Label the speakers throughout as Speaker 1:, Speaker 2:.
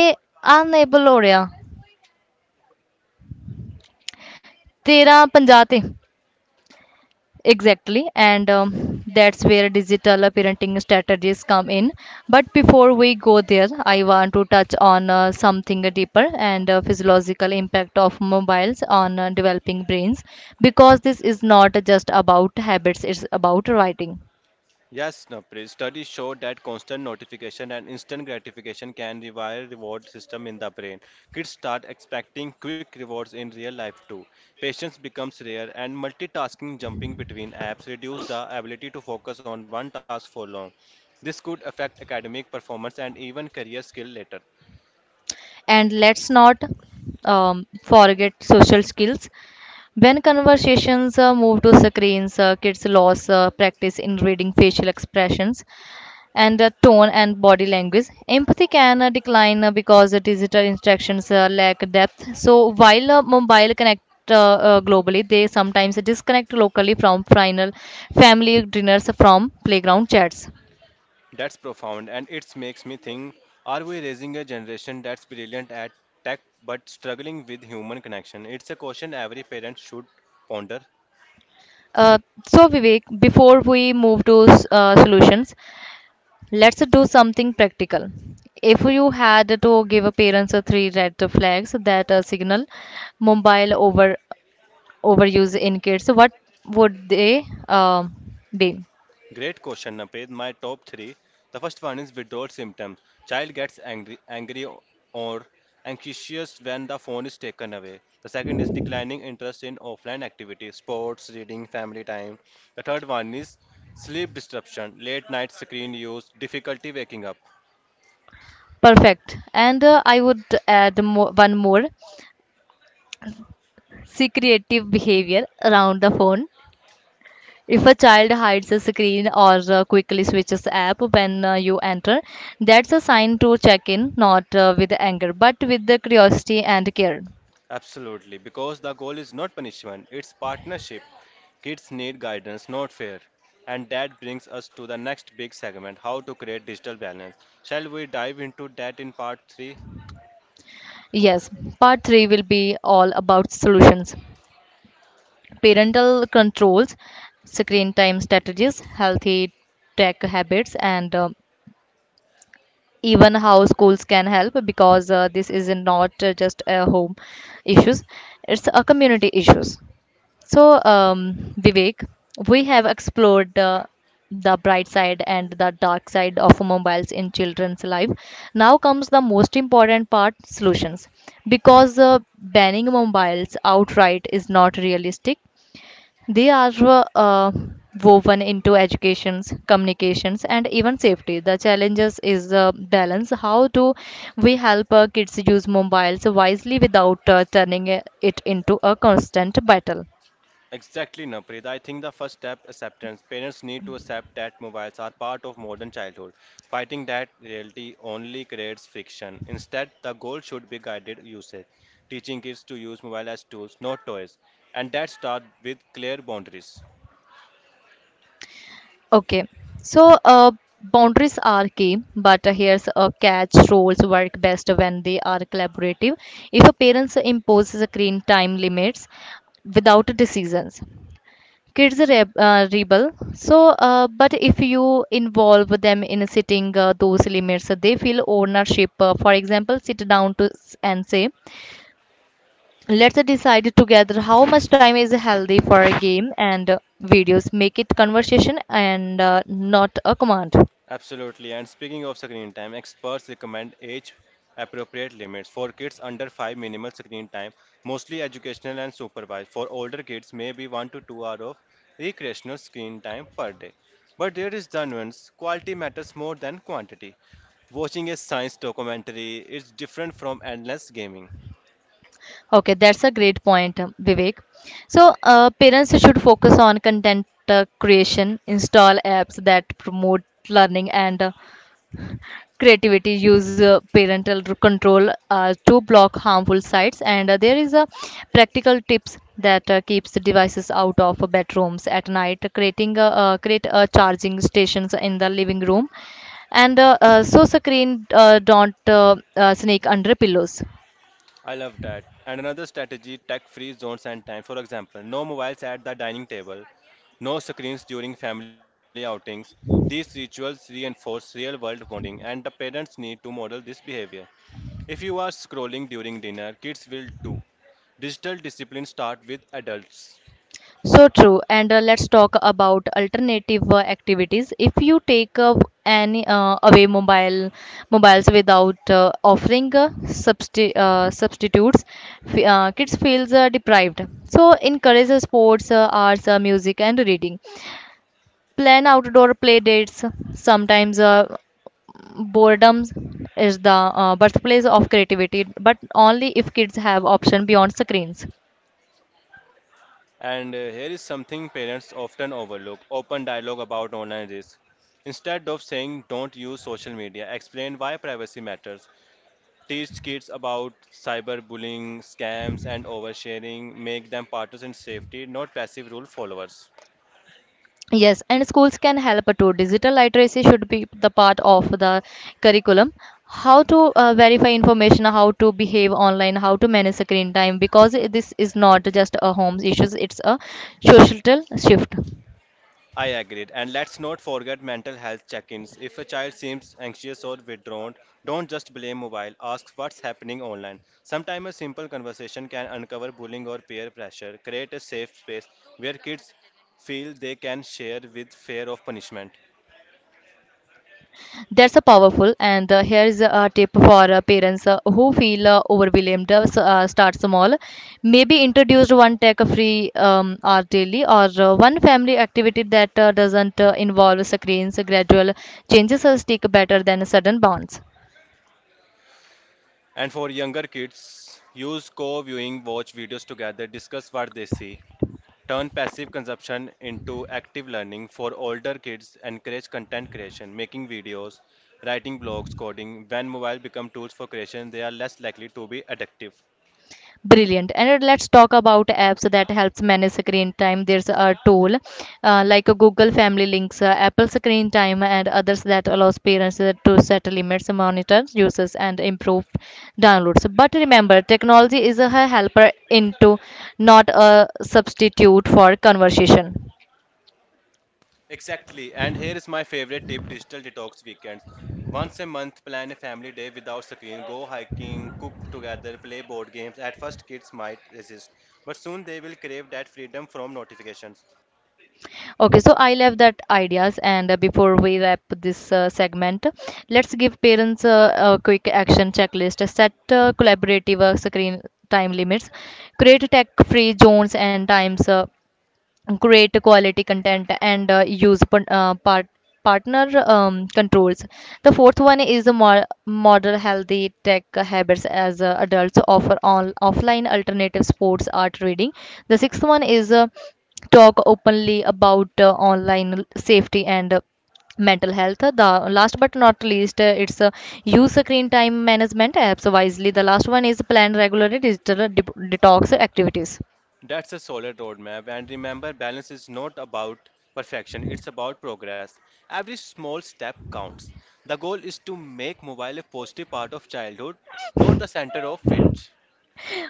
Speaker 1: A unable or yeah, तेरह पंजा थे exactly. And that's where digital parenting strategies come in. But before we go there, I want to touch on something deeper, and physiological impact of mobiles on developing brains, because this is not just about habits, it's about writing. And let's not forget social skills. When conversations move to screens, kids lose practice in reading facial expressions and tone and body language. Empathy can decline because digital interactions lack depth. So while mobile connect globally, they sometimes disconnect locally from final family dinners, from playground chats. Uh, so Vivek, before we move to solutions, let's do something practical. If you had to give a parents a three red flags that signal mobile over overuse in kids, what would they be? Perfect. And I would add mo one more: secretive behavior around the phone. If a child hides a screen or quickly switches app when you enter, that's a sign to check in, not with anger, but with the curiosity and care. Yes, part three will be all about solutions: parental controls, screen time strategies, healthy tech habits, and even how schools can help, because this is not just a home issues, it's a community issues. So, Vivek, we have explored the bright side and the dark side of mobiles in children's life. Now comes the most important part: solutions. Because banning mobiles outright is not realistic, they are woven into educations, communications, and even safety. The challenges is balance. How do we help kids use mobiles wisely without turning it into a constant battle? Okay, so boundaries are key, but here's a catch: roles work best when they are collaborative. If a parent imposes screen time limits without decisions, kids rebel. But if you involve them in setting those limits, they feel ownership. For example, sit down and say, let's decide together how much time is healthy for a game and videos. Make it conversation and not a command. Okay, that's a great point, Vivek. So, parents should focus on content creation, install apps that promote learning and creativity, use parental control to block harmful sites, and there is a practical tips that keeps the devices out of bedrooms at night, create charging stations in the living room, and so screen don't sneak under pillows. So true. And let's talk about alternative activities. If you take any away mobiles without offering substitutes, kids feels deprived. So encourage sports, arts, music, and reading. Plan outdoor play dates. Sometimes boredom is the birthplace of creativity, but only if kids have option beyond screens. Yes, and schools can help too. Digital literacy should be the part of the curriculum: how to verify information, how to behave online, how to manage screen time, because this is not just a home issues, it's a social shift. That's a powerful, and here is a tip for parents who feel overwhelmed. Start small, maybe introduce one tech-free hour daily or one family activity that doesn't involve screens. Gradual changes stick better than sudden bounce. Brilliant. And let's talk about apps that helps manage screen time. There's a tool like a Google Family Links, Apple Screen Time, and others that allows parents to set limits, monitor uses, and improve downloads. But remember, technology is a helper into, not a substitute for conversation. Okay, so I love that ideas. And before we wrap this segment, let's give parents a quick action checklist. Set collaborative screen time limits. Create tech-free zones and times. Great quality content and use partner controls. The fourth one is a model healthy tech habits as adults, offer on offline alternative sports, art, reading. The sixth one is talk openly about online safety and mental health. The last but not least, it's use screen time management apps wisely. The last one is plan regularly digital detox activities.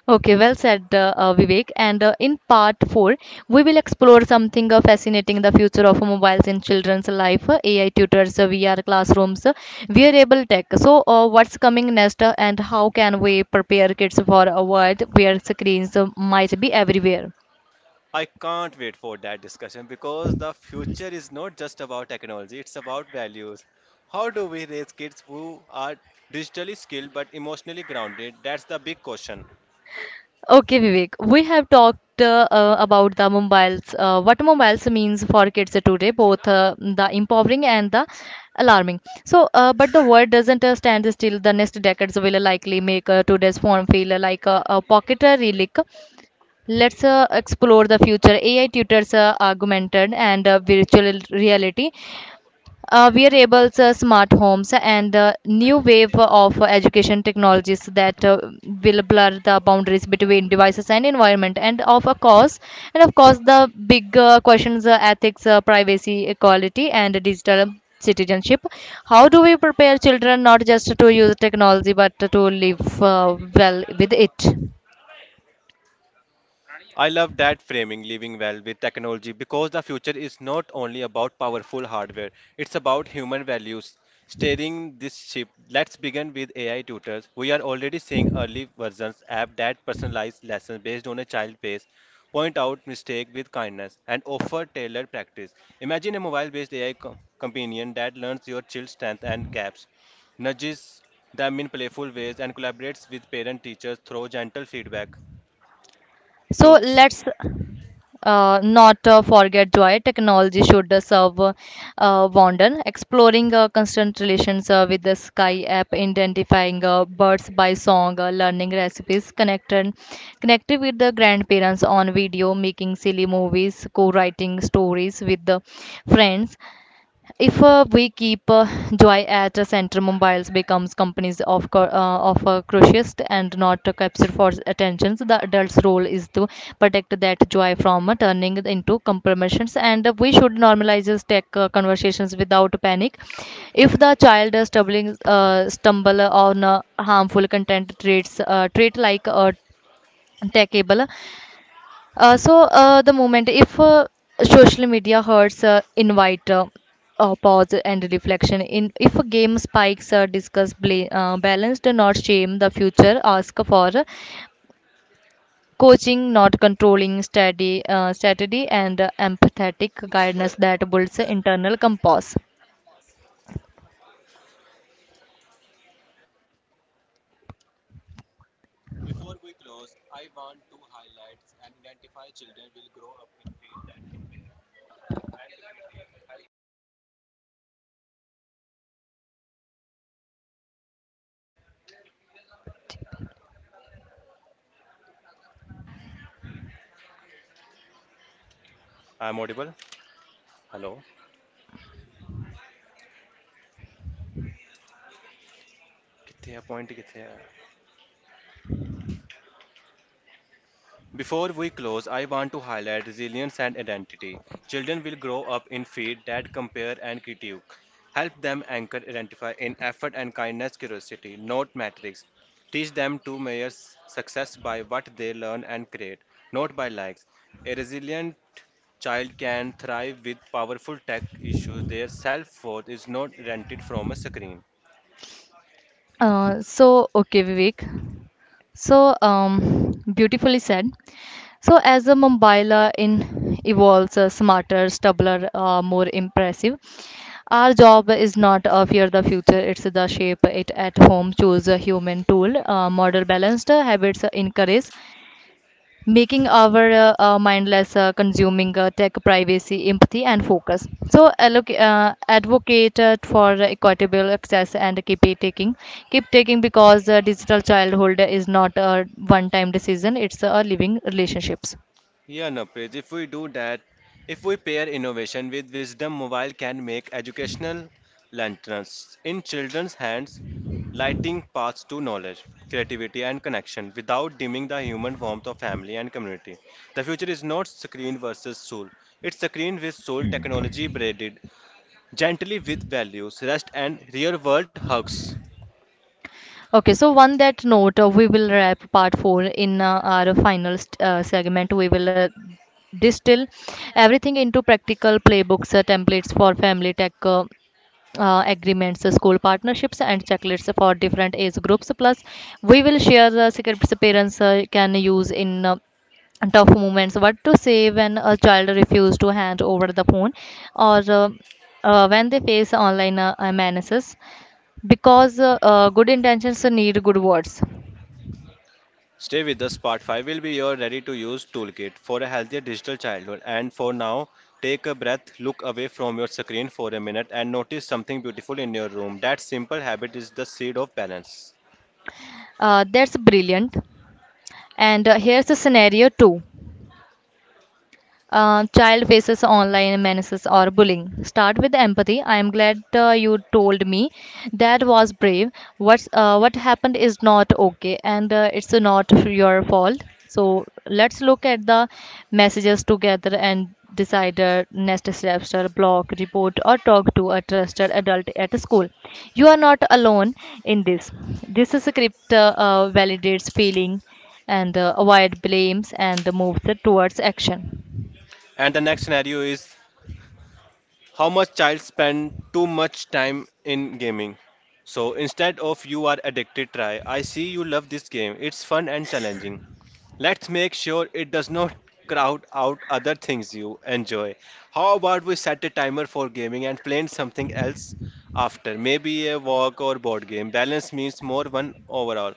Speaker 1: Okay, well said, Vivek. And in part four, we will explore something fascinating: the future of mobiles in children's life, AI tutors, VR classrooms, wearable tech. So, what's coming next, and how can we prepare kids for a world where screens might be everywhere? Okay, Vivek, we have talked about the mobiles, what mobiles means for kids today, both the empowering and the alarming. So, but the world doesn't stand still. The next decades will likely make today's phone feel like a pocket relic. Let's explore the future. AI tutors, augmented and virtual reality, wearables, smart homes, and new wave of education technologies that will blur the boundaries between devices and environment. And of course, the big questions: ethics, privacy, equality, and digital citizenship. How do we prepare children not just to use technology but to live well with it? So let's not forget joy. Technology should serve wonder. Exploring constant relations with the Sky app, identifying birds by song, learning recipes, connected with the grandparents on video, making silly movies, co-writing stories with the friends. If we keep joy at a center, mobiles becomes companies of of a crucialist and not a capture for attention. So the adult's role is to protect that joy from turning it into compromises, and we should normalize this tech conversations without panic. If the child is stumbling stumble on harmful content, trait like techable. The moment if social media hurts, invite pause and reflection. In if a game spikes, discuss balance. Do not shame the future. Ask for coaching, not controlling. Steady and empathetic guidance that builds internal compass.
Speaker 2: I'm audible. Hello. किथे है point किथे है? Before we close, I want to highlight resilience and identity. Children will grow up in feet that compare and critique. Help them anchor, identify in effort and kindness, curiosity, not metrics. Teach them to measure success by what they learn and create, not by likes. A resilient child can thrive with powerful tech issues. Their self worth is not rented from a screen.
Speaker 1: So okay, Vivek. So beautifully said. So, as a Mumbaila in evolves smarter, stabler, more impressive, our job is not fear the future, it's the shape it at home. Choose a human tool, model balanced habits, encourage making our mindless consuming tech privacy, empathy, and focus. So, advocate for equitable access and keep taking, because digital childhood is not a one-time decision, it's a living relationships.
Speaker 2: Yeah, Napraj, if we do that, if we pair innovation with wisdom, mobile can make educational lanterns in children's hands, lighting paths to knowledge, creativity, and connection without dimming the human warmth of family and community. The future is not screen versus soul, it's screen with soul technology braided gently with values, rest, and real world hugs.
Speaker 1: Okay, so on that note, we will wrap part four. In our final segment, we will distill everything into practical playbooks, templates for family tech, agreements, school partnerships, and checklists for different age groups. Plus, we will share the secrets parents can use in tough moments: what to say when a child refuses to hand over the phone, or when they face online menaces, because good intentions need good words.
Speaker 2: Stay with us. Part 5 will be your ready to use toolkit for a healthier digital childhood. And for now, take a breath, look away from your screen for a minute, and notice something beautiful in your room. That simple habit is the seed of balance.
Speaker 1: That's brilliant. And here's the scenario two. Child faces online menaces or bullying. Start with empathy. I am glad you told me. That was brave. What happened is not okay, and it's not your fault. So let's look at the messages together and decide next steps, or blog, report, or talk to a trusted adult at school. You are not alone in this. This is script validates feeling and avoid blames and moves towards action.
Speaker 2: And the next scenario is how much child spend too much time in gaming. So instead of you are addicted, try I see you love this game. It's fun and challenging. Let's make sure it does not crowd out other things you enjoy. How about we set a timer for gaming and playing something else after? Maybe a walk or board game. Balance means more one overall.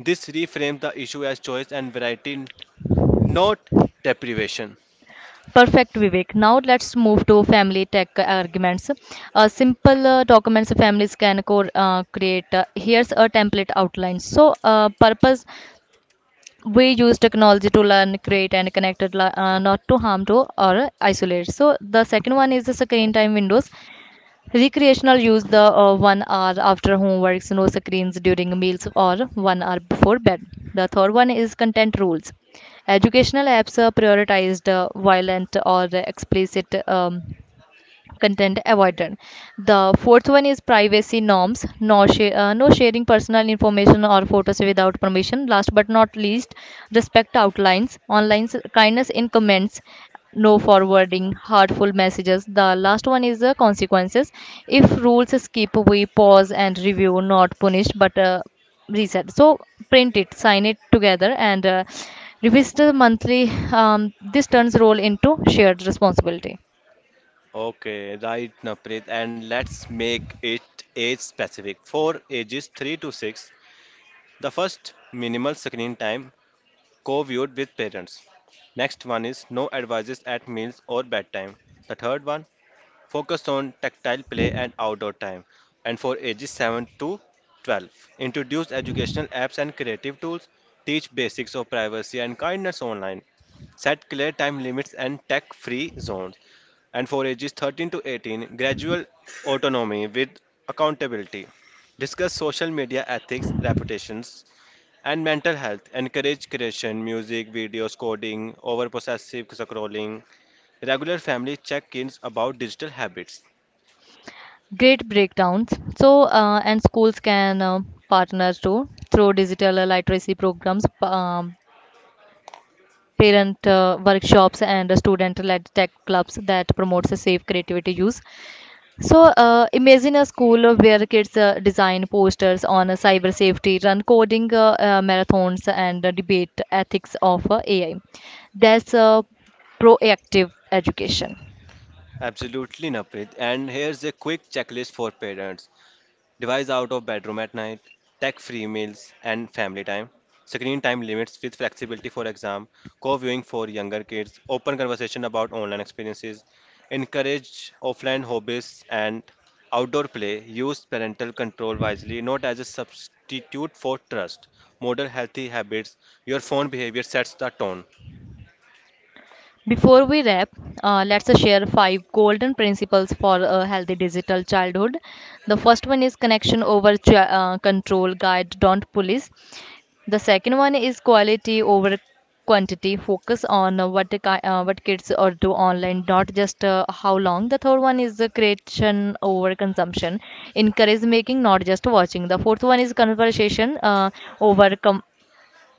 Speaker 2: This reframes the issue as choice and variety, not deprivation.
Speaker 1: Perfect, Vivek. Now let's move to family tech arguments. Simple documents families can create. Here's a template outline. So, purpose: we use technology to learn, create, and connect, it, not to harm to or isolate. So, the second one is the screen time windows. Recreational use the 1 hour after homeworks, no screens during meals, or 1 hour before bed. The third one is content rules. Educational apps are prioritized, violent or explicit content avoided. The fourth one is privacy norms, no sharing personal information or photos without permission. Last but not least, respect outlines, kindness in comments, no forwarding hurtful messages. The last one is the consequences. If rules skip, we pause and review, not punish, but reset. So print it, sign it together, and revisit the monthly. This turns role into shared responsibility.
Speaker 2: Okay, right, Naprit, and let's make it age specific. For ages 3 to 6, the first minimal screen time co-viewed with parents. Next one is no advices at meals or bedtime. The third one, focus on tactile play and outdoor time. And for ages 7 to 12, introduce educational apps and creative tools. Teach basics of privacy and kindness online. Set clear time limits and tech-free zones. And for ages 13 to 18, gradual autonomy with accountability. Discuss social media ethics, reputations, and mental health. Encourage creation, music, videos, coding, over possessive scrolling, regular family check ins about digital habits.
Speaker 1: Great breakdowns. So, and schools can partner too, through digital literacy programs, parent workshops, and student-led tech clubs that promotes a safe creativity use. So, imagine a school where kids design posters on cyber safety, run coding marathons, and debate ethics of AI. That's proactive education.
Speaker 2: Absolutely, Naprit. And here's a quick checklist for parents. Device out of bedroom at night, tech free meals and family time, screen time limits with flexibility for exam, co viewing for younger kids, open conversation about online experiences, encourage offline hobbies and outdoor play, use parental control wisely, not as a substitute for trust, model healthy habits. Your phone behavior sets the tone.
Speaker 1: Before we wrap, let's share 5 golden principles for a healthy digital childhood. The first one is connection over control, guide, don't police. The second one is quality over quantity. Focus on what what kids are do online, not just how long. The third one is creation over consumption. Encourage making, not just watching. The fourth one is conversation uh, over com-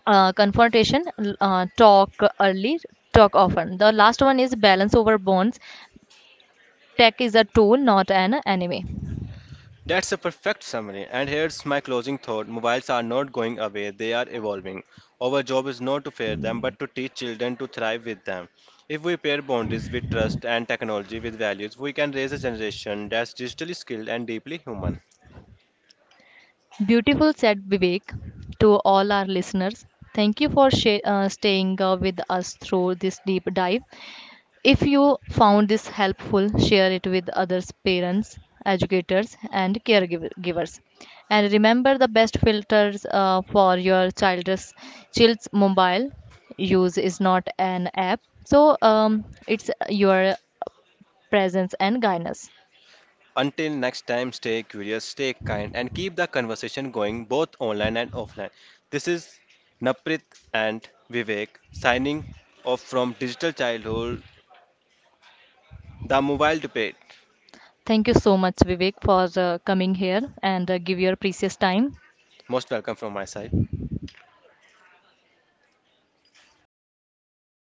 Speaker 1: uh, confrontation. Talk early, talk often. The last one is balance over bonds. Tech is a tool, not an enemy.
Speaker 2: That's a perfect summary. And here's my closing thought mobiles are not going away, they are evolving. Our job is not to fear them, but to teach children to thrive with them. If we pair boundaries with trust and technology with values, we can raise a generation that's digitally skilled and deeply human.
Speaker 1: Beautiful said, Vivek. To all our listeners, thank you for staying with us through this deep dive. If you found this helpful, share it with others: parents, educators, and caregivers. And remember, the best filters for your child's mobile use is not an app, so it's your presence and guidance.
Speaker 2: Until next time, stay curious, stay kind, and keep the conversation going both online and offline. This is Naprit and Vivek signing off from Digital Childhood, the mobile debate.
Speaker 1: Thank you so much, Vivek, for coming here and give your precious time.
Speaker 2: Most welcome from my side.